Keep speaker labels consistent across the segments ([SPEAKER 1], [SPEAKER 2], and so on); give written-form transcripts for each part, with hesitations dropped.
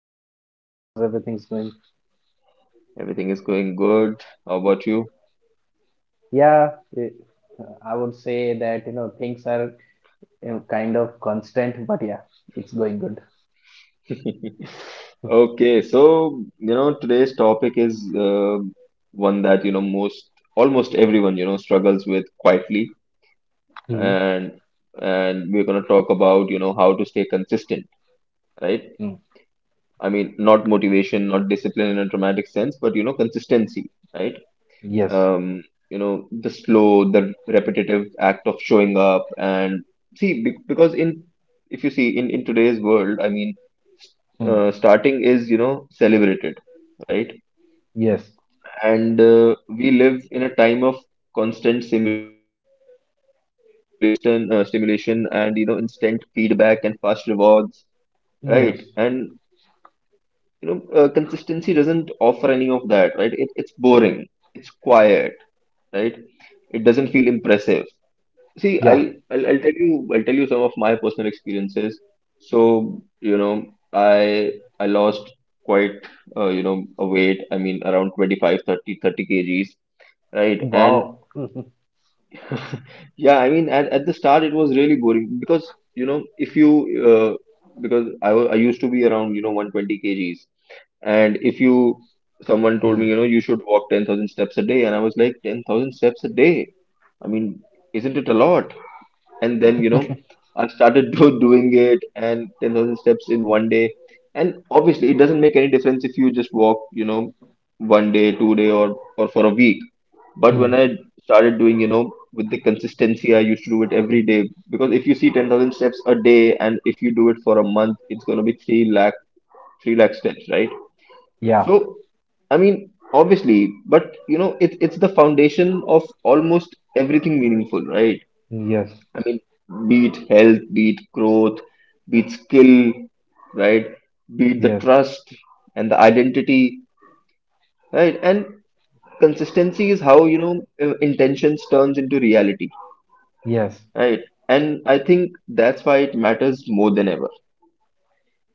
[SPEAKER 1] for having me. How's everything's going?
[SPEAKER 2] Everything is going good. How about you?
[SPEAKER 1] Yeah, it, I would say that things are kind of constant, but yeah, it's going good.
[SPEAKER 2] Okay, so today's topic is one that you know most almost everyone struggles with quietly.
[SPEAKER 1] Hmm.
[SPEAKER 2] And and we're gonna talk about how to stay consistent, right?
[SPEAKER 1] Hmm.
[SPEAKER 2] I mean, not motivation, not discipline in a dramatic sense, but consistency, right?
[SPEAKER 1] Yes.
[SPEAKER 2] um, the slow, the repetitive act of showing up. And see, because if you see in today's world, I mean,
[SPEAKER 1] Hmm.
[SPEAKER 2] starting is, celebrated, right?
[SPEAKER 1] Yes.
[SPEAKER 2] And we live in a time of constant stimulation and, instant feedback and fast rewards, right? And,
[SPEAKER 1] Yes.
[SPEAKER 2] consistency doesn't offer any of that, right? It's boring, it's quiet, right? It doesn't feel impressive. See, I'll,
[SPEAKER 1] Yeah.
[SPEAKER 2] I'll I'll tell you I'll tell you some of my personal experiences. So, I I lost quite a weight. I mean, around 25, thirty kgs, right?
[SPEAKER 1] Wow.
[SPEAKER 2] And yeah, I mean, at the start it was really boring, because you know if you uh, because I used to be around 120 kgs, and if you someone told
[SPEAKER 1] Hmm.
[SPEAKER 2] me you should walk 10,000 steps a day, and I was like 10,000 steps a day. I mean, isn't it a lot? And then I started doing it, and 10,000 steps in one day. And obviously it doesn't make any difference if you just walk one day, two day, or for a week. But when
[SPEAKER 1] Hmm.
[SPEAKER 2] I started doing, with the consistency, I used to do it every day, because if you see 10,000 steps a day and if you do it for a month, it's going to be 3 lakh 3 lakh steps, right.
[SPEAKER 1] Yeah.
[SPEAKER 2] So, I mean, obviously, but it's the foundation of almost everything meaningful, right.
[SPEAKER 1] Yes.
[SPEAKER 2] I mean, be it health, be it growth, be it skill, right? Be it the
[SPEAKER 1] Yes.
[SPEAKER 2] trust and the identity, right? And consistency is how, intentions turns into reality,
[SPEAKER 1] Yes.
[SPEAKER 2] right? And I think that's why it matters more than ever.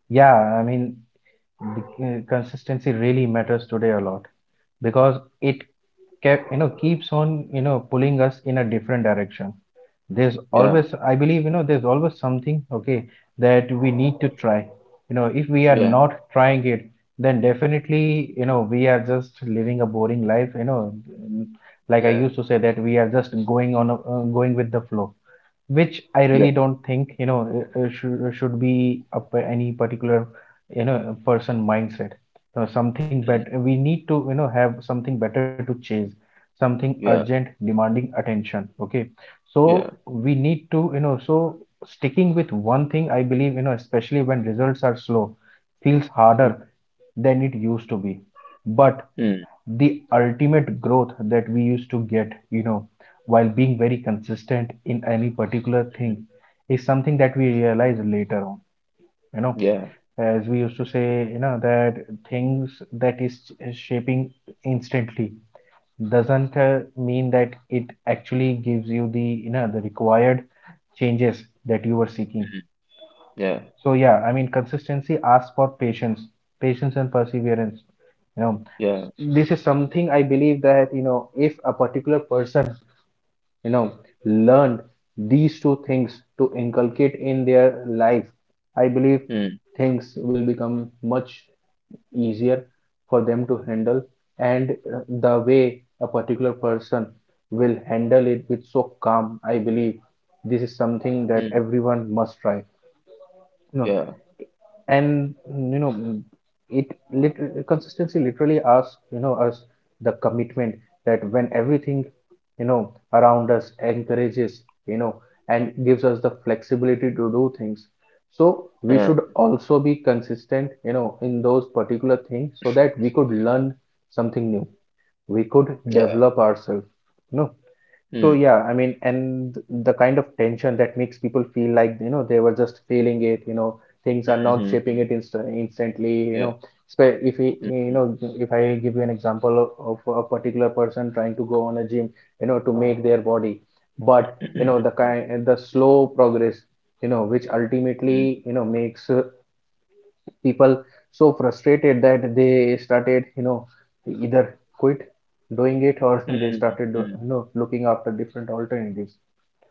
[SPEAKER 1] Yeah. I mean, the consistency really matters today a lot because it keeps on, pulling us in a different direction. There's
[SPEAKER 2] Yeah,
[SPEAKER 1] always, I believe, there's always something. Okay, that we need to try. If we are
[SPEAKER 2] yeah,
[SPEAKER 1] not trying it, then definitely we are just living a boring life, mm, like I
[SPEAKER 2] yeah,
[SPEAKER 1] used to say, that we are just going with the flow, which I
[SPEAKER 2] yeah,
[SPEAKER 1] really don't think should be a, any particular person mindset. Something
[SPEAKER 2] mm,
[SPEAKER 1] better. We need to have something better to chase, something urgent,
[SPEAKER 2] yeah,
[SPEAKER 1] demanding attention. Okay, so
[SPEAKER 2] yeah,
[SPEAKER 1] we need to, so sticking with one thing, I believe, especially when results are slow, feels
[SPEAKER 2] mm,
[SPEAKER 1] harder than it used to be. But
[SPEAKER 2] mm,
[SPEAKER 1] the ultimate growth that we used to get, while being very consistent in any particular
[SPEAKER 2] mm,
[SPEAKER 1] thing, is something that we
[SPEAKER 2] mm,
[SPEAKER 1] realize later on, you know.
[SPEAKER 2] yeah,
[SPEAKER 1] As we used to say, that things that is shaping instantly doesn't mean that it actually gives you the, the required changes that you were seeking.
[SPEAKER 2] mm, yeah,
[SPEAKER 1] So yeah, I mean, consistency asks for patience, patience and perseverance. You know,
[SPEAKER 2] yeah,
[SPEAKER 1] this is something I believe, that if a particular person you know learned these two things to inculcate in their life, I believe
[SPEAKER 2] mm,
[SPEAKER 1] things will become much easier for them to handle. And the way a particular person will handle it with so calm, I believe this is something that
[SPEAKER 2] mm,
[SPEAKER 1] everyone must try, you know.
[SPEAKER 2] yeah,
[SPEAKER 1] And it, consistency literally asks, you know, us the commitment that when everything around us encourages you know and gives us the flexibility to do things, so we
[SPEAKER 2] uh,
[SPEAKER 1] should also be consistent, in those particular things, so that we could learn something new, we could
[SPEAKER 2] yeah,
[SPEAKER 1] develop ourselves, you know.
[SPEAKER 2] mm,
[SPEAKER 1] So yeah, I mean, and the kind of tension that makes people feel like, they were just feeling it, things are not
[SPEAKER 2] mhm,
[SPEAKER 1] shaping it instantly, you
[SPEAKER 2] yeah,
[SPEAKER 1] know. So if we,
[SPEAKER 2] mm,
[SPEAKER 1] if I give you an example of a particular person trying to go on a gym, to make their body, but the kind, the slow progress, which
[SPEAKER 2] mm,
[SPEAKER 1] ultimately, makes people so frustrated that they started, either quit doing it, or they
[SPEAKER 2] mm,
[SPEAKER 1] started
[SPEAKER 2] mm.
[SPEAKER 1] looking after different alternatives.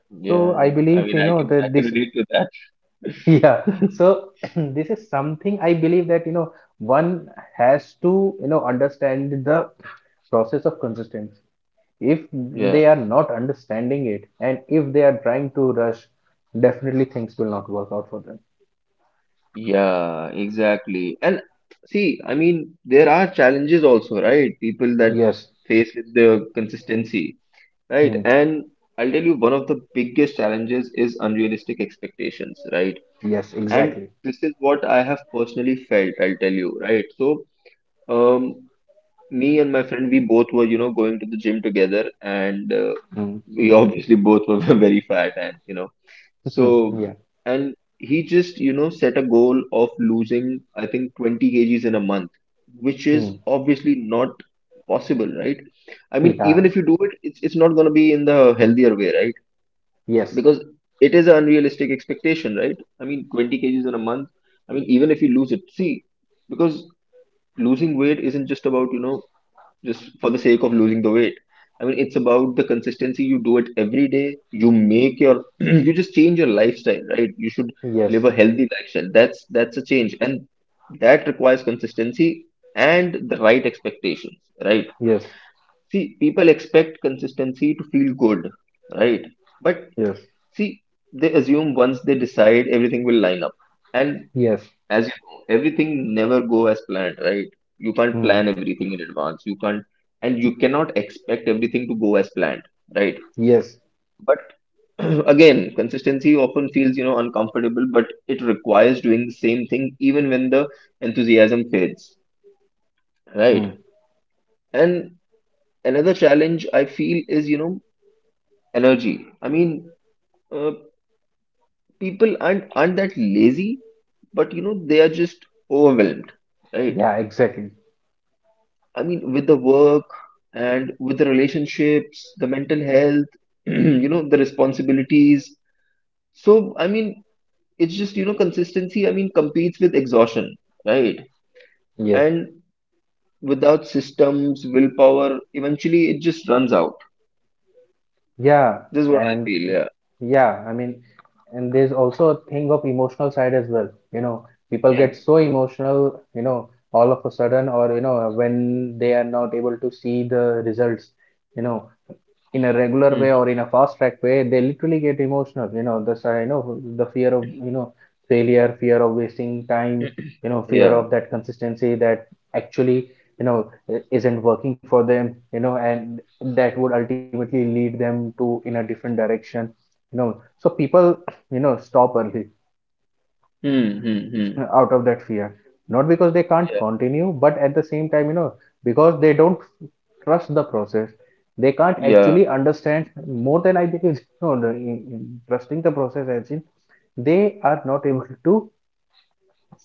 [SPEAKER 2] Yeah,
[SPEAKER 1] So I
[SPEAKER 2] yeah. I
[SPEAKER 1] believe,
[SPEAKER 2] mean, I can I
[SPEAKER 1] that
[SPEAKER 2] can
[SPEAKER 1] this
[SPEAKER 2] relate to that.
[SPEAKER 1] yeah, so this is something I believe, that one has to understand the process of consistency. If
[SPEAKER 2] Yeah,
[SPEAKER 1] they are not understanding it, and if they are trying to rush, definitely things will not work out for them.
[SPEAKER 2] yeah, exactly. And see, I mean, there are challenges also, right? People that
[SPEAKER 1] Yes.
[SPEAKER 2] face with the consistency, right?
[SPEAKER 1] Hmm.
[SPEAKER 2] And I'll tell you, one of the biggest challenges is unrealistic expectations, right?
[SPEAKER 1] Yes,
[SPEAKER 2] And
[SPEAKER 1] exactly.
[SPEAKER 2] this is what I have personally felt, I'll tell you, right? So, um, me and my friend, we both were, going to the gym together, and
[SPEAKER 1] Hmm.
[SPEAKER 2] we obviously both were very fat. and you know, So,
[SPEAKER 1] Yeah.
[SPEAKER 2] and he just, set a goal of losing, I think, 20 kgs in a month, which is
[SPEAKER 1] Hmm.
[SPEAKER 2] obviously not possible, right? I mean,
[SPEAKER 1] Yeah.
[SPEAKER 2] even if you do it, it's not going to be in the healthier way, right?
[SPEAKER 1] Yes.
[SPEAKER 2] Because it is an unrealistic expectation, right? I mean, 20 kgs in a month. I mean, even if you lose it, see, because losing weight isn't just about, just for the sake of losing the weight. I mean, it's about the consistency. You do it every day. You just change your lifestyle, right? You should
[SPEAKER 1] Yes.
[SPEAKER 2] live a healthy lifestyle. That's a change, and that requires consistency and the right expectations, right?
[SPEAKER 1] Yes.
[SPEAKER 2] See, people expect consistency to feel good, right? But
[SPEAKER 1] Yes.
[SPEAKER 2] see, they assume once they decide, everything will line up, and
[SPEAKER 1] Yes.
[SPEAKER 2] as you know, everything never go as planned, right? You can't
[SPEAKER 1] Hmm.
[SPEAKER 2] plan everything in advance. You can't, and you cannot expect everything to go as planned, right?
[SPEAKER 1] Yes.
[SPEAKER 2] But again, consistency often feels, uncomfortable, but it requires doing the same thing even when the enthusiasm fades, right?
[SPEAKER 1] Hmm.
[SPEAKER 2] And another challenge I feel is, energy. I mean, uh, people aren't that lazy, but they are just overwhelmed, right?
[SPEAKER 1] Yeah. Exactly.
[SPEAKER 2] I mean, with the work and with the relationships, the mental health, the responsibilities. So, I mean, it's just, consistency, I mean, competes with exhaustion, right?
[SPEAKER 1] Yes.
[SPEAKER 2] And without systems, willpower, eventually it just runs out.
[SPEAKER 1] Yeah.
[SPEAKER 2] This is what I
[SPEAKER 1] And
[SPEAKER 2] feel, yeah.
[SPEAKER 1] yeah, I mean, and there's also a thing of emotional side as well. You know, people get so emotional. You know, all of a sudden, or when they are not able to see the results. You know, in a regular
[SPEAKER 2] Yeah.
[SPEAKER 1] way,
[SPEAKER 2] Hmm.
[SPEAKER 1] or in a fast track way, they literally get emotional, you know. That's, I know, the fear of, you know, failure, fear of wasting time, fear
[SPEAKER 2] Yeah.
[SPEAKER 1] of that consistency that actually, you know isn't working for them, you know. And that would ultimately lead them to in a different direction, you know. So people stop early,
[SPEAKER 2] Mm-hmm.
[SPEAKER 1] out of that fear, not because they can't
[SPEAKER 2] Yeah.
[SPEAKER 1] continue, but at the same time, because they don't trust the process, they can't
[SPEAKER 2] Yeah.
[SPEAKER 1] actually understand more than I think is no, no, trusting the process, as in they are not able to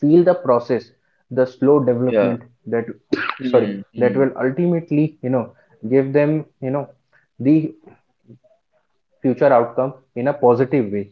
[SPEAKER 1] feel the process, the slow
[SPEAKER 2] Yeah.
[SPEAKER 1] development, that sorry, that
[SPEAKER 2] Mm-hmm.
[SPEAKER 1] will ultimately, give them, the future outcome in a positive way,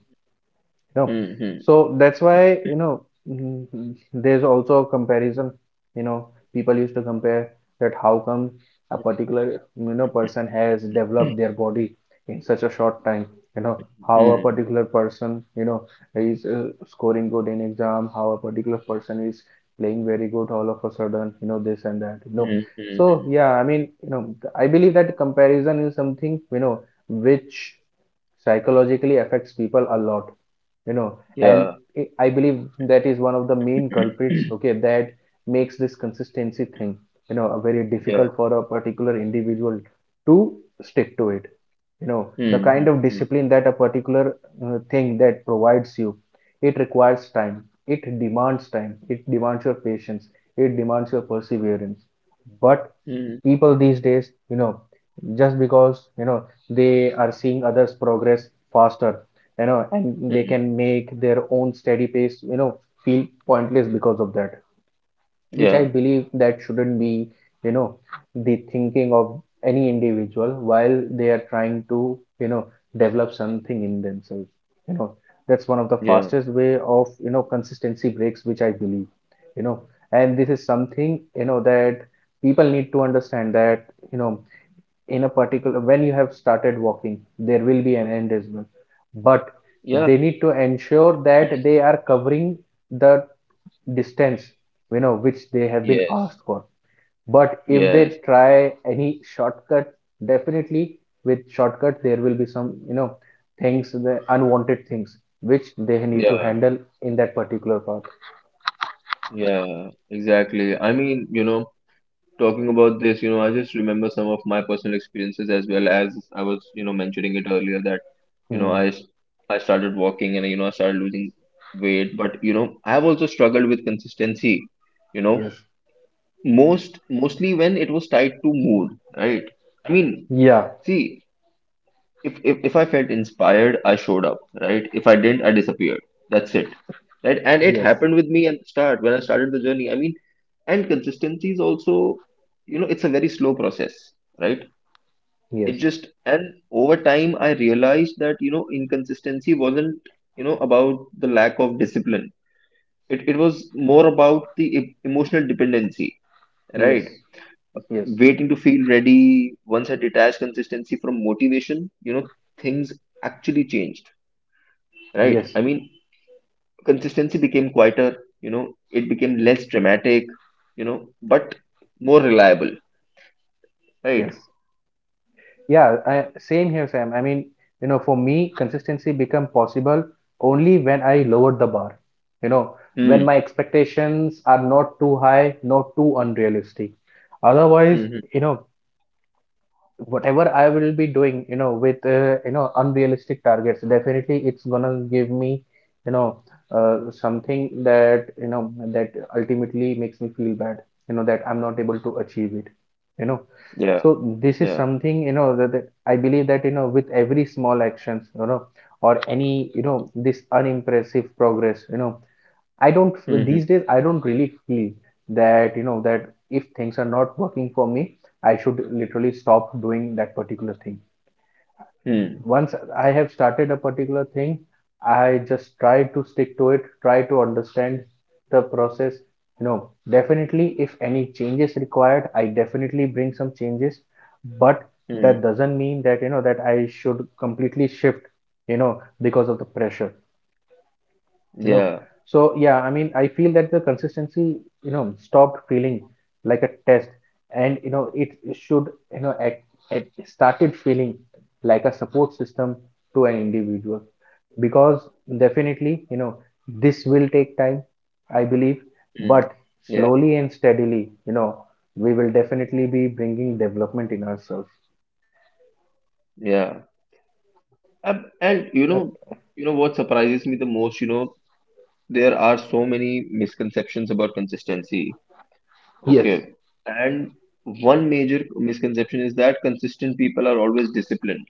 [SPEAKER 1] you know.
[SPEAKER 2] Mm-hmm.
[SPEAKER 1] So that's why, mm, there's also a comparison, you know. People used to compare that how come a particular, person has developed their body in such a short time, you know how a
[SPEAKER 2] Mm-hmm.
[SPEAKER 1] particular person is scoring good in exam, how a particular person is playing very good all of a sudden, you know, this and that, you know. So
[SPEAKER 2] Mm-hmm.
[SPEAKER 1] yeah, I mean, you know, I believe that comparison is something, which psychologically affects people a lot, you know. And
[SPEAKER 2] Yeah.
[SPEAKER 1] I believe that is one of the main culprits, okay, that makes this consistency thing, very
[SPEAKER 2] Yeah.
[SPEAKER 1] difficult for a particular individual to stick to it, you know. The kind of
[SPEAKER 2] Mm-hmm.
[SPEAKER 1] discipline that a particular thing that provides you, it requires time, it demands time, it demands your patience, it demands your perseverance. But
[SPEAKER 2] Mhm,
[SPEAKER 1] people these days, just because they are seeing others progress faster, and they
[SPEAKER 2] mhm.
[SPEAKER 1] can make their own steady pace, feel pointless because of that, which I
[SPEAKER 2] Yeah,
[SPEAKER 1] believe that shouldn't be, you know, the thinking of any individual while they are trying to, you know, develop something in themselves. You know, that's one of the
[SPEAKER 2] yeah,
[SPEAKER 1] fastest way of, you know, consistency breaks, which I believe, you know. And this is something, you know, that people need to understand that, you know, in a particular, when you have started walking, there will be an end as well. But
[SPEAKER 2] yeah,
[SPEAKER 1] they need to ensure that they are covering the distance, which they have been
[SPEAKER 2] yes,
[SPEAKER 1] asked for. But if they
[SPEAKER 2] yes,
[SPEAKER 1] try any shortcut, definitely with shortcut there will be some, things, the unwanted things, which they need to
[SPEAKER 2] yeah,
[SPEAKER 1] handle in that particular path.
[SPEAKER 2] yeah, exactly. I mean, talking about this, I just remember some of my personal experiences, as well as I was, mentioning it earlier that, you know,
[SPEAKER 1] Hmm.
[SPEAKER 2] I, s- I started walking, and, I started losing weight, but, I have also struggled with consistency, you
[SPEAKER 1] Yes.
[SPEAKER 2] know, mostly when it was tied to mood, right? I mean,
[SPEAKER 1] Yeah.
[SPEAKER 2] see, if I felt inspired, I showed up, right? If I didn't, I disappeared. That's it, right? And it
[SPEAKER 1] Yes.
[SPEAKER 2] happened with me at the start when I started the journey, I mean. And consistency is also, it's a very slow process, right. it
[SPEAKER 1] Yes.
[SPEAKER 2] just And over time I realized that inconsistency wasn't about the lack of discipline. It was more about the emotional dependency, right.
[SPEAKER 1] Yes. Yes.
[SPEAKER 2] Waiting to feel ready, once I detached consistency from motivation, things actually changed, right?
[SPEAKER 1] Yes.
[SPEAKER 2] I mean, consistency became quieter, it became less dramatic, but more reliable, right?
[SPEAKER 1] Yes. Yeah, I, same here, Sam. I mean, you know, for me, consistency become possible only when I lowered the bar. You know, when
[SPEAKER 2] Hmm.
[SPEAKER 1] my expectations are not too high, not too unrealistic. Otherwise,
[SPEAKER 2] Mm-hmm.
[SPEAKER 1] you know, whatever I will be doing, you know, with unrealistic targets, definitely it's gonna give me, you know, something that that ultimately makes me feel bad, you know, that I'm not able to achieve it, you know.
[SPEAKER 2] Yeah.
[SPEAKER 1] So this is
[SPEAKER 2] Yeah.
[SPEAKER 1] something, you know, that, that I believe that with every small actions, you know, or any this unimpressive progress, you know, I don't
[SPEAKER 2] Mm-hmm.
[SPEAKER 1] these days I don't really feel that that if things are not working for me, I should literally stop doing that particular thing.
[SPEAKER 2] Hmm.
[SPEAKER 1] Once I have started a particular thing, I just try to stick to it, try to understand the process. You know, definitely if any changes required, I definitely bring some changes, but
[SPEAKER 2] Hmm.
[SPEAKER 1] that doesn't mean that that I should completely shift, you know, because of the pressure, you know.
[SPEAKER 2] Yeah.
[SPEAKER 1] So yeah, I mean, I feel that the consistency, stopped feeling like a test, and you know, it should, you know it, it started feeling like a support system to an individual, because definitely, this will take time, I believe,
[SPEAKER 2] Hmm.
[SPEAKER 1] but
[SPEAKER 2] Yeah.
[SPEAKER 1] slowly and steadily, we will definitely be bringing development in ourselves.
[SPEAKER 2] Yeah. And
[SPEAKER 1] uh,
[SPEAKER 2] you know what surprises me the most, there are so many misconceptions about consistency.
[SPEAKER 1] yes.
[SPEAKER 2] Okay. And one major misconception is that consistent people are always disciplined.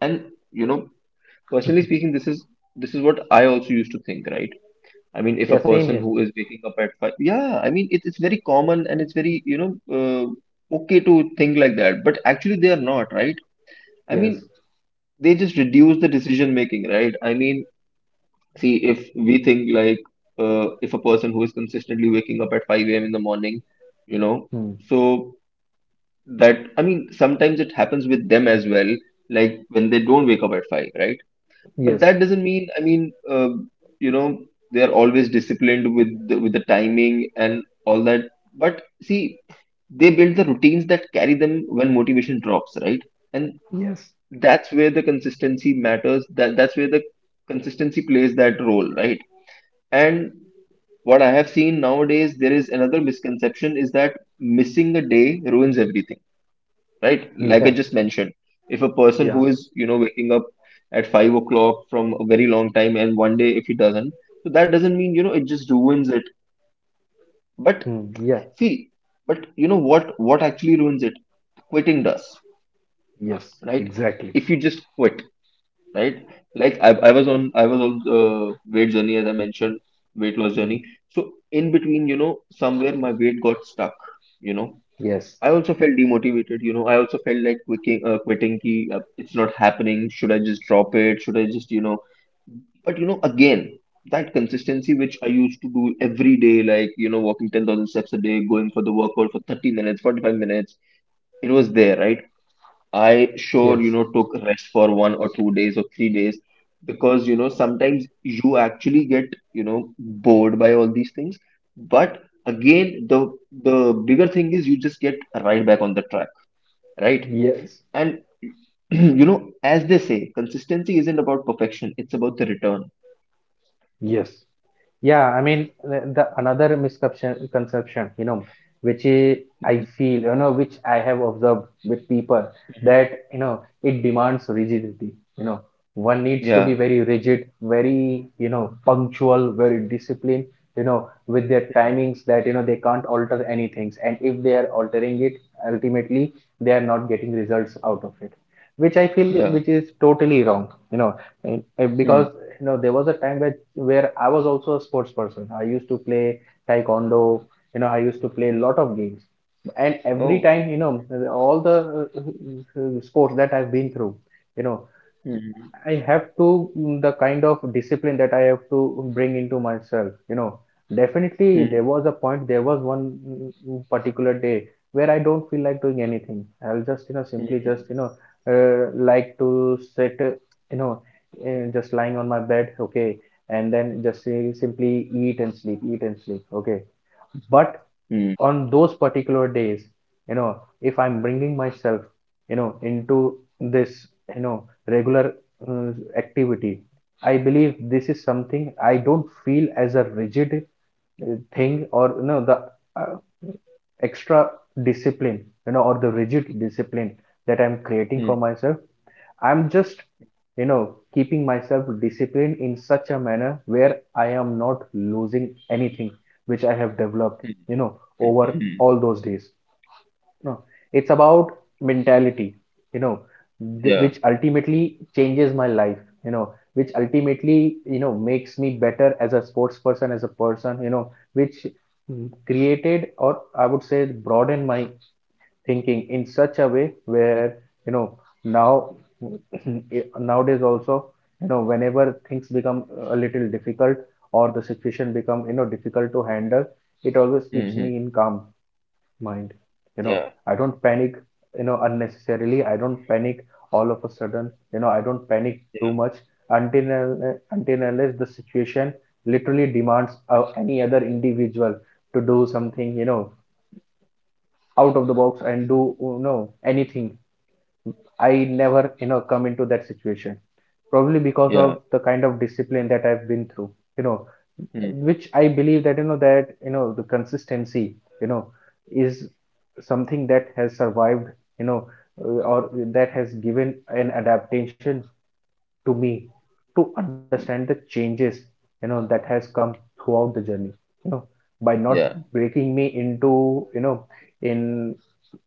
[SPEAKER 2] And personally speaking, this is what I also used to think, right. I mean, if a
[SPEAKER 1] Yeah, same
[SPEAKER 2] person
[SPEAKER 1] here.
[SPEAKER 2] who is waking up at 5, yeah, I mean, it's very common and it's very, uh, okay to think like that, but actually they are not, right. I
[SPEAKER 1] Yes.
[SPEAKER 2] mean, they just reduce the decision making, right. I mean, see, if we think like, if a person who is consistently waking up at 5 a.m. in the morning, you know
[SPEAKER 1] Hmm.
[SPEAKER 2] so that, I mean, sometimes it happens with them as well, like when they don't wake up at 5, right? But
[SPEAKER 1] Yes.
[SPEAKER 2] that doesn't mean, I mean, you know they are always disciplined with the timing and all that. But see, they build the routines that carry them when motivation drops, right. And
[SPEAKER 1] Yes.
[SPEAKER 2] that's where the consistency matters, that's where the consistency plays that role, right. And what I have seen nowadays, there is another misconception is that missing a day ruins everything, right? Like I
[SPEAKER 1] Yeah.
[SPEAKER 2] just mentioned, if a person
[SPEAKER 1] Yeah.
[SPEAKER 2] who is, waking up at 5 o'clock from a very long time, and one day if he doesn't, so that doesn't mean, it just ruins it. But
[SPEAKER 1] Hmm. Yeah.
[SPEAKER 2] see, but you know what? What actually ruins it? Quitting does,
[SPEAKER 1] Yes,
[SPEAKER 2] right?
[SPEAKER 1] exactly.
[SPEAKER 2] If you just quit, right? Like I was on weight journey, as I mentioned, weight loss
[SPEAKER 1] Mm.
[SPEAKER 2] journey. So in between, somewhere my weight got stuck, you know,
[SPEAKER 1] Yes,
[SPEAKER 2] I also felt demotivated. I also felt like quitting ki, it's not happening. Should I just drop it? Should I just, you know? But you know, again, that consistency which I used to do every day, like walking 10,000 steps a day, going for the workout for 30 minutes, 45 minutes, it was there, right? I sure,
[SPEAKER 1] yes.
[SPEAKER 2] took rest for 1 or 2 days or 3 days because, sometimes you actually get, bored by all these things. But again, the bigger thing is you just get right back on the track, right?
[SPEAKER 1] Yes,
[SPEAKER 2] And as they say, consistency isn't about perfection, it's about the return.
[SPEAKER 1] yes. Yeah, I mean the another misconception you know, which is, I
[SPEAKER 2] Mhm,
[SPEAKER 1] feel, you know, which I have observed with people,
[SPEAKER 2] mhm.
[SPEAKER 1] that, you know, it demands rigidity, you know. One needs to be
[SPEAKER 2] Yeah,
[SPEAKER 1] very rigid, very, you know, punctual, very disciplined, you know, with their
[SPEAKER 2] yeah,
[SPEAKER 1] timings, that, you know, they can't alter anything. And if they are altering it, ultimately they are not getting results out of it. Which I feel,
[SPEAKER 2] yeah.
[SPEAKER 1] which is totally wrong, you know, and
[SPEAKER 2] Hmm.
[SPEAKER 1] because there was a time where I was also a sports person. I used to play taekwondo, you know, I used to play a lot of games. And every
[SPEAKER 2] Oh.
[SPEAKER 1] time, you know, all the sports that I've been through, you know,
[SPEAKER 2] Mhm,
[SPEAKER 1] I have to the kind of discipline that I have to bring into myself. You know, definitely there
[SPEAKER 2] mhm,
[SPEAKER 1] was a point, there was one particular day where I don't feel like doing anything. I'll just, you know, simply just,
[SPEAKER 2] mhm.
[SPEAKER 1] you know, like to sit, you know, just lying on my bed, okay, and then just simply eat and sleep, okay. But
[SPEAKER 2] Hmm.
[SPEAKER 1] on those particular days, you know if I'm bringing myself into this, you know regular uh, activity, I believe this is something I don't feel as a rigid thing, or the uh, extra discipline, or the rigid discipline that I'm creating for
[SPEAKER 2] Mhm,
[SPEAKER 1] myself. I'm just, keeping myself disciplined in such a manner where I am not losing anything which I have developed, over
[SPEAKER 2] mhm.
[SPEAKER 1] all those days. No, it's about mentality, you know, which
[SPEAKER 2] Yeah.
[SPEAKER 1] ultimately changes my life, which ultimately, makes me better as a sports person, as a person, which created, or I would say, broaden my thinking in such a way
[SPEAKER 2] Mhm,
[SPEAKER 1] where you know now nowadays also, whenever things become a little difficult, or the situation become, difficult to handle, it always keeps
[SPEAKER 2] mhm.
[SPEAKER 1] me in calm mind, you know
[SPEAKER 2] Yeah.
[SPEAKER 1] I don't panic, unnecessarily I don't panic, all of a sudden, I don't panic too
[SPEAKER 2] Yeah.
[SPEAKER 1] much, until until unless the situation literally demands any other individual to do something, out of the box, and do, anything. I never, come into that situation. Probably because
[SPEAKER 2] Yeah.
[SPEAKER 1] of the kind of discipline that I've been through, you know,
[SPEAKER 2] Hmm.
[SPEAKER 1] which I believe that, the consistency, you know, is something that has survived, you know, or that has given an adaptation to me to understand the changes, that has come throughout the journey, you know by not
[SPEAKER 2] Yeah,
[SPEAKER 1] breaking me into, in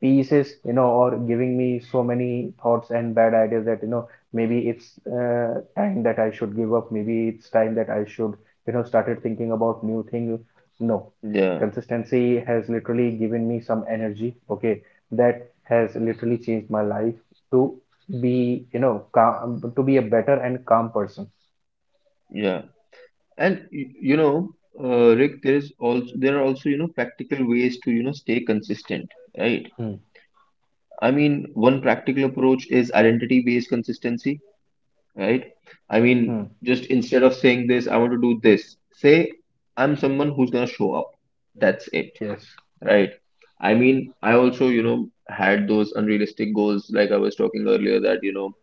[SPEAKER 1] pieces, or giving me so many thoughts and bad ideas that, maybe it's time that I should give up, maybe it's time that I should, started thinking about new things. No,
[SPEAKER 2] yeah,
[SPEAKER 1] consistency has literally given me some energy, okay, that has literally changed my life to be, calm, to be a better and calm person.
[SPEAKER 2] yeah. And Rick, there are also, practical ways to, stay consistent, right?
[SPEAKER 1] Hmm.
[SPEAKER 2] I mean, one practical approach is identity-based consistency, right? I
[SPEAKER 1] Hmm.
[SPEAKER 2] mean, just instead of saying this, I want to do this, say I'm someone who's gonna show up. That's it,
[SPEAKER 1] Yes.
[SPEAKER 2] right? I mean, I also, had those unrealistic goals like I was talking earlier that,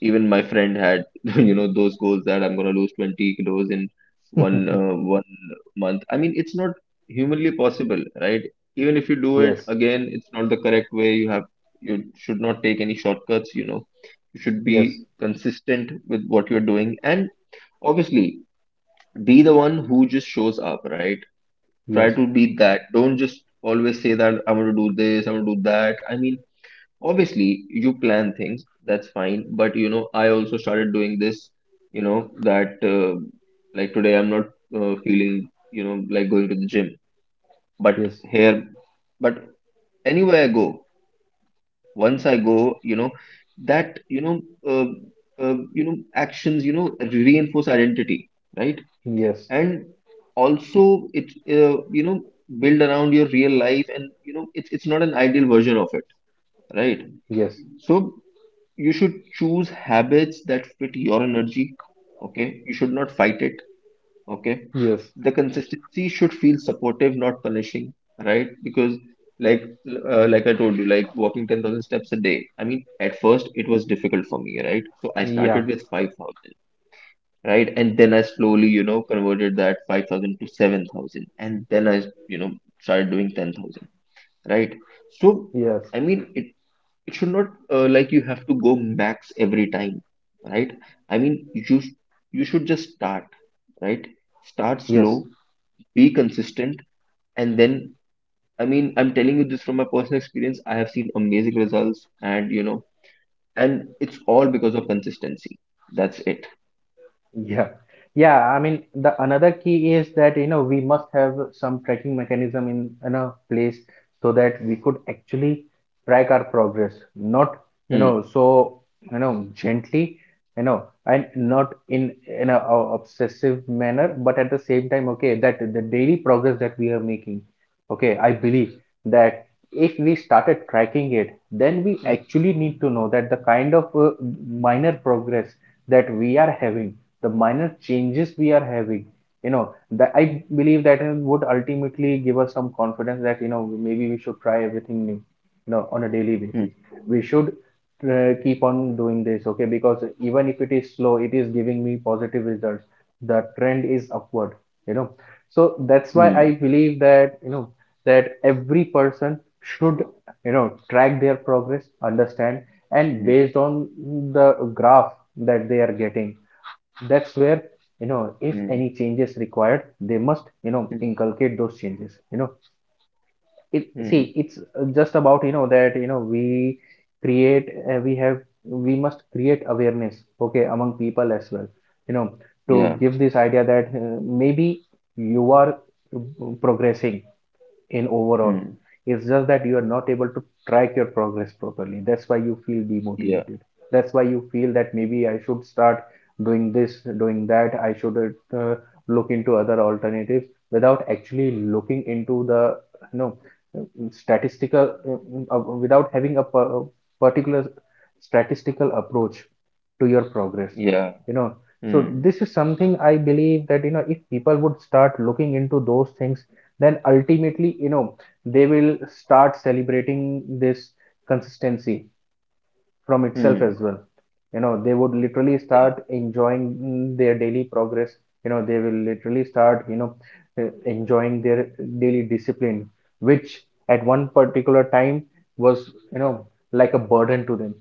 [SPEAKER 2] even my friend had, those goals that I'm gonna lose 20 kilos in one uh, one month. I mean, it's not humanly possible, right? Even if you do it
[SPEAKER 1] Yes.
[SPEAKER 2] again, it's not the correct way. You should not take any shortcuts. You know, you should
[SPEAKER 1] Yes.
[SPEAKER 2] be consistent with what you're doing, and obviously, be the one who just shows up, right? Try
[SPEAKER 1] Yes.
[SPEAKER 2] to be that. Don't just always say that I'm gonna do this, I'm gonna do that. I mean, obviously you plan things, that's fine, but you know, I also started doing this, you know, that like today I'm not feeling, you know, like going to the gym, but
[SPEAKER 1] Yes.
[SPEAKER 2] here but anywhere I go, once I go, you know, that you know, uh, you know, actions, you know, reinforce identity, right?
[SPEAKER 1] Yes.
[SPEAKER 2] And also it, you know, build around your real life, and you know, it's not an ideal version of it, right?
[SPEAKER 1] Yes.
[SPEAKER 2] So you should choose habits that fit your energy. Okay, you should not fight it. Okay.
[SPEAKER 1] Yes.
[SPEAKER 2] The consistency should feel supportive, not punishing, right? Because, like, like I told you, like walking 10,000 steps a day, I mean at first it was difficult for me, right? So I
[SPEAKER 1] Yeah.
[SPEAKER 2] started with 5,000, right? And then I slowly, you know, converted that 5,000 to 7,000, and then I, you know, started doing 10,000, right? So
[SPEAKER 1] Yes.
[SPEAKER 2] I mean, it should not like you have to go max every time, right? I mean you should just start, right? Start
[SPEAKER 1] Yes.
[SPEAKER 2] slow, be consistent. And then, I mean, I'm telling you this from my personal experience, I have seen amazing results. And you know, and it's all because of consistency. That's it.
[SPEAKER 1] Yeah. Yeah, I mean the another key is that, we must have some tracking mechanism in a place so that we could actually track our progress, not,
[SPEAKER 2] Hmm.
[SPEAKER 1] so, gently, and not in a obsessive manner, but at the same time, okay, that the daily progress that we are making, okay, I believe that if we started
[SPEAKER 2] Hmm.
[SPEAKER 1] tracking it, then we actually need to know that the kind of minor progress that we are having, the minor changes we are having, you know that I believe that would ultimately give us some confidence that, maybe we should try everything new, on a daily
[SPEAKER 2] Hmm.
[SPEAKER 1] basis. We should keep on doing this, okay, because even if it is slow, it is giving me positive results. The trend is upward you know so that's why I
[SPEAKER 2] Hmm.
[SPEAKER 1] believe that, that every person should, track their progress, understand, and
[SPEAKER 2] Hmm.
[SPEAKER 1] based on the graph that they are getting, that's where, if
[SPEAKER 2] Hmm.
[SPEAKER 1] any changes required, they must,
[SPEAKER 2] Hmm.
[SPEAKER 1] inculcate those changes. It See,
[SPEAKER 2] Hmm.
[SPEAKER 1] it's just about, that, create uh, we have we must create awareness, okay, among people as well, you know to
[SPEAKER 2] Yeah.
[SPEAKER 1] give this idea that maybe you are uh, progressing in overall.
[SPEAKER 2] Hmm.
[SPEAKER 1] It's just that you are not able to track your progress properly. That's why you feel
[SPEAKER 2] Yeah,
[SPEAKER 1] demotivated. That's why you feel that maybe I should start doing this, doing that. I should look into other alternatives without actually looking into the, you know statistical without having a particular statistical approach to your progress.
[SPEAKER 2] yeah.
[SPEAKER 1] You know, so
[SPEAKER 2] Hmm.
[SPEAKER 1] this is something I believe that, if people would start looking into those things, then ultimately, they will start celebrating this consistency from itself
[SPEAKER 2] Hmm.
[SPEAKER 1] as well. They would literally
[SPEAKER 2] Yeah,
[SPEAKER 1] start enjoying their daily progress, they will literally start, enjoying their daily discipline, which at one particular time was, like a burden to them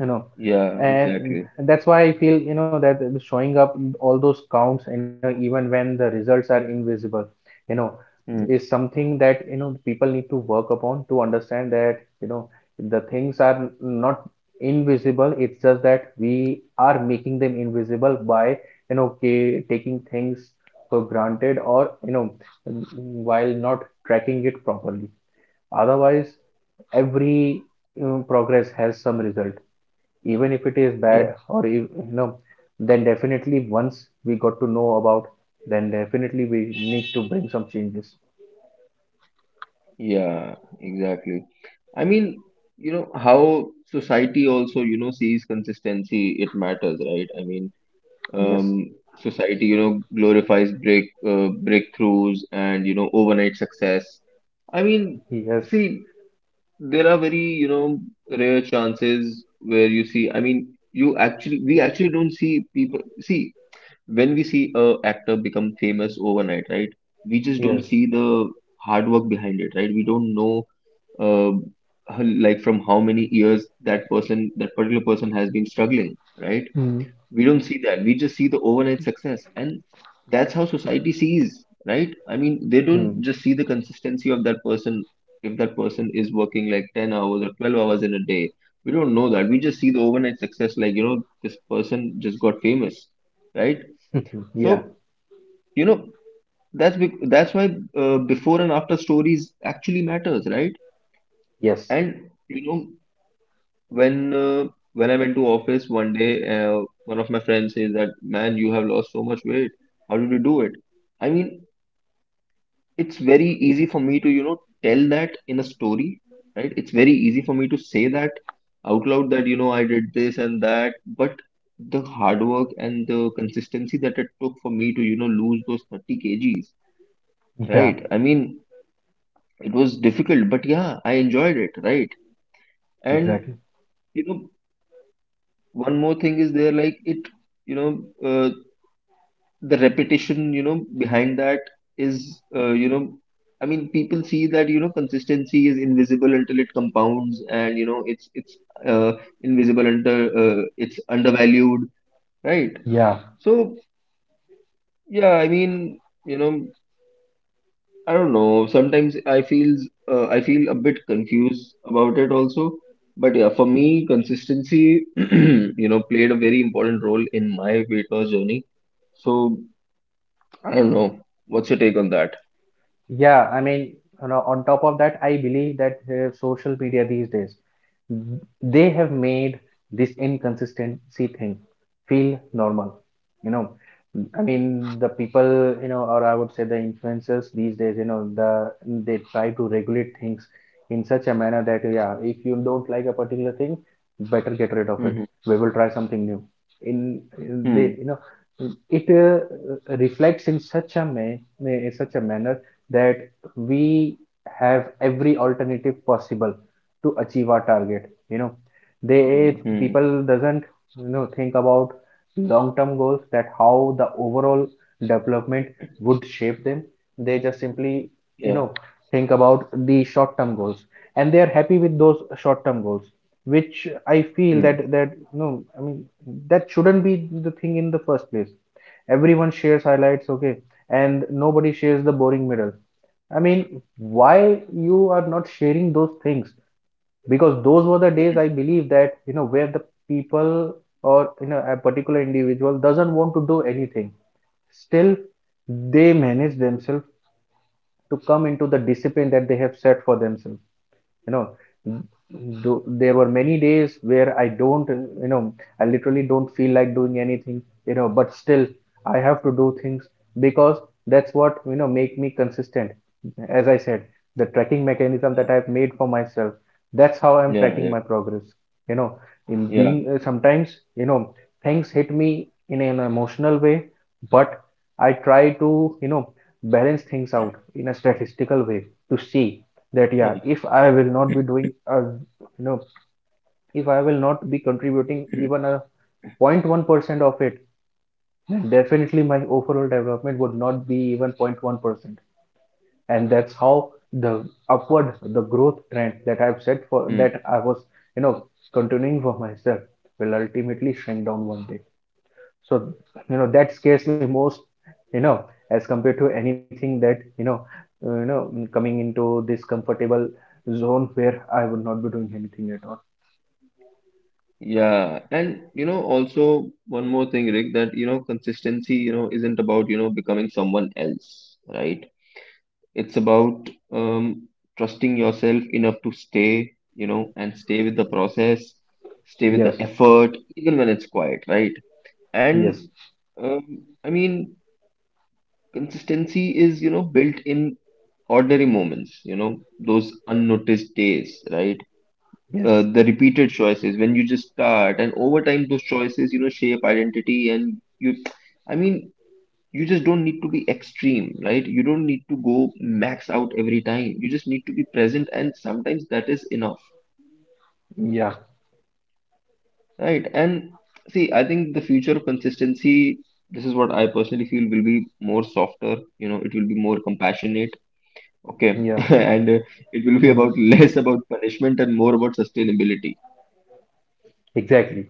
[SPEAKER 1] you know
[SPEAKER 2] yeah,
[SPEAKER 1] and
[SPEAKER 2] exactly.
[SPEAKER 1] that's why I feel, that the showing up all those counts, even when the results are invisible, you know
[SPEAKER 2] Hmm.
[SPEAKER 1] is something that, people need to work upon to understand that, the things are not invisible. It's just that we are making them invisible by, taking things for granted, or, while not tracking it properly. Otherwise, every, progress has some result, even if it is
[SPEAKER 2] Yeah,
[SPEAKER 1] bad, or, then definitely once we got to know about, then definitely we need to bring some changes.
[SPEAKER 2] yeah, exactly. I mean, you know, how society also, you know, sees consistency, it matters, right? I mean,
[SPEAKER 1] Yes.
[SPEAKER 2] society, you know, glorifies breakthroughs and, you know, overnight success. I mean,
[SPEAKER 1] Yes.
[SPEAKER 2] see, there are very, you know, rare chances where you see, I mean, we actually don't see people, see, when we see a actor become famous overnight, right? We just don't
[SPEAKER 1] Yes.
[SPEAKER 2] see the hard work behind it, right? We don't know uh, like from how many years that person, that particular person has been struggling, right?
[SPEAKER 1] Hmm.
[SPEAKER 2] We don't see that. We just see the overnight success, and that's how society sees, right? I mean, they
[SPEAKER 1] Hmm.
[SPEAKER 2] don't just see the consistency of that person. If that person is working like 10 hours or 12 hours in a day, we don't know that. We just see the overnight success, like, you know, this person just got famous, right?
[SPEAKER 1] Yeah.
[SPEAKER 2] So, you know, that's bec that's why before and after stories actually matters, right?
[SPEAKER 1] Yes.
[SPEAKER 2] And you know, when uh, when I went to office one day, one of my friends says that, "Man, you have lost so much weight. How did you do it?" I mean, it's very easy for me to, you know, tell that in a story, right? It's very easy for me to say that out loud that, you know, I did this and that, but the hard work and the consistency that it took for me to, you know, lose those 30 kgs,
[SPEAKER 1] Yeah,
[SPEAKER 2] right? I mean, it was difficult, but yeah, I enjoyed it, right?
[SPEAKER 1] exactly.
[SPEAKER 2] And you know, one more thing is there, like it, you know, uh, the repetition, you know, behind that is you know, I mean people see that, you know, consistency is invisible until it compounds, and you know, it's uh, invisible under, it's undervalued, right?
[SPEAKER 1] Yeah.
[SPEAKER 2] So yeah, I mean, you know, I don't know. Sometimes I feel a bit confused about it also. But yeah, for me, consistency, you know, played a very important role in my weight loss journey. So I don't know. What's your take on that?
[SPEAKER 1] Yeah, I mean, on top of that, I believe that social media these days, they have made this inconsistency thing feel normal. You know, I mean, the people, or I would say the influencers these days, they try to regulate things in such a manner that, yeah, if you don't like a particular thing, better get rid of it.
[SPEAKER 2] Mm-hmm.
[SPEAKER 1] We will try something new. In they,
[SPEAKER 2] Hmm.
[SPEAKER 1] it reflects in such in such a manner that we have every alternative possible to achieve our target, they
[SPEAKER 2] Hmm. Hmm.
[SPEAKER 1] people doesn't, think about long term goals, that how the overall development would shape them. They just simply, you
[SPEAKER 2] Yeah.
[SPEAKER 1] know think about the short term goals, and they are happy with those short term goals, which I feel
[SPEAKER 2] Hmm.
[SPEAKER 1] that that, no, I mean, that shouldn't be the thing in the first place. Everyone shares highlights, okay, and nobody shares the boring middle. I mean, why you are not sharing those things? Because those were the days I believe that, where the people, or, a particular individual doesn't want to do anything. Still, they manage themselves to come into the discipline that they have set for themselves. you know Th- there were many days where I don't you know I literally don't feel like doing anything, but still I have to do things, because that's what, make me consistent. As I said, the tracking mechanism that
[SPEAKER 2] Yeah.
[SPEAKER 1] I've made for myself, that's how I'm
[SPEAKER 2] Yeah.
[SPEAKER 1] tracking
[SPEAKER 2] Yeah.
[SPEAKER 1] my progress you know in being
[SPEAKER 2] Yeah.
[SPEAKER 1] sometimes, things hit me in an emotional way, but I try to, you know balance things out in a statistical way, to see that, yeah,
[SPEAKER 2] Yeah.
[SPEAKER 1] if I will not be doing a, if I will not be contributing even a 0.1% of it, definitely my overall development would not be even 0.1%. And that's how the upward, the growth trend that I've set for,
[SPEAKER 2] Hmm.
[SPEAKER 1] that I was, you know continuing for myself, will ultimately shrink down one day. So, that scares me most, you know as compared to anything, that, coming into this comfortable zone where I would not be doing anything at all.
[SPEAKER 2] Yeah, and you know, also one more thing, Rick, that you know, consistency, you know, isn't about, you know, becoming someone else, right? It's about trusting yourself enough to stay, you know, and stay with the process, stay with
[SPEAKER 1] Yes.
[SPEAKER 2] the effort, even when it's quiet, right?
[SPEAKER 1] Yes.
[SPEAKER 2] And I mean, consistency is, you know, built in ordinary moments, you know, those unnoticed days, right?
[SPEAKER 1] Yes.
[SPEAKER 2] The repeated choices when you just start, and over time, those choices, you know, shape identity and you. I mean, you just don't need to be extreme, right? You don't need to go max out every time, you just need to be present, and sometimes that is enough,
[SPEAKER 1] Yeah.
[SPEAKER 2] right? And see, I think the future of consistency, this is what I personally feel, will be more softer, you know, it will be more compassionate, okay,
[SPEAKER 1] Yeah.
[SPEAKER 2] and it will be
[SPEAKER 1] Mm,
[SPEAKER 2] about less about punishment and more about sustainability,
[SPEAKER 1] exactly.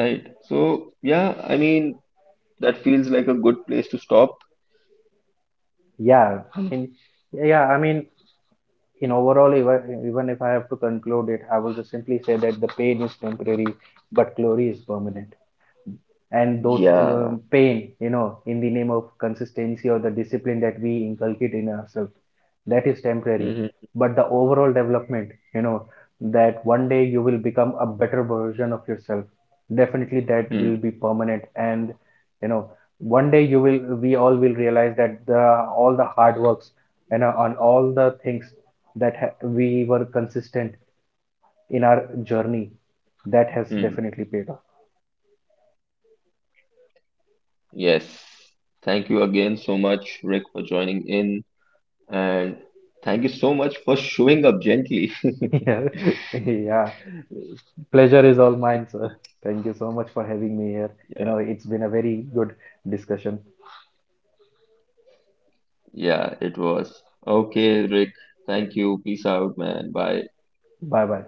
[SPEAKER 2] right? So yeah, I mean, that feels like a good place to stop.
[SPEAKER 1] Yeah i mean yeah i mean in overall, even if I have to conclude it, I will just simply say that the pain is temporary but glory is permanent. And those
[SPEAKER 2] Yeah.
[SPEAKER 1] pain, in the name of consistency, or the discipline that we inculcate in ourselves, that is temporary.
[SPEAKER 2] Hmm.
[SPEAKER 1] But the overall development, you know that one day you will become a better version of yourself, definitely that will be permanent. And, you know one day you will we all will realize that the all the hard works, and on all the things that we were consistent in our journey,
[SPEAKER 2] Hmm.
[SPEAKER 1] that has definitely paid off.
[SPEAKER 2] Yes. Thank you again so much, Rick, for joining in. And thank you so much for showing up gently.
[SPEAKER 1] Yeah, yeah. Pleasure is all mine, sir. Thank you so much for having me here.
[SPEAKER 2] Yeah,
[SPEAKER 1] It's been a very good discussion.
[SPEAKER 2] yeah, it was. Okay, Rick. Thank you. Peace out, man. Bye.
[SPEAKER 1] Bye bye.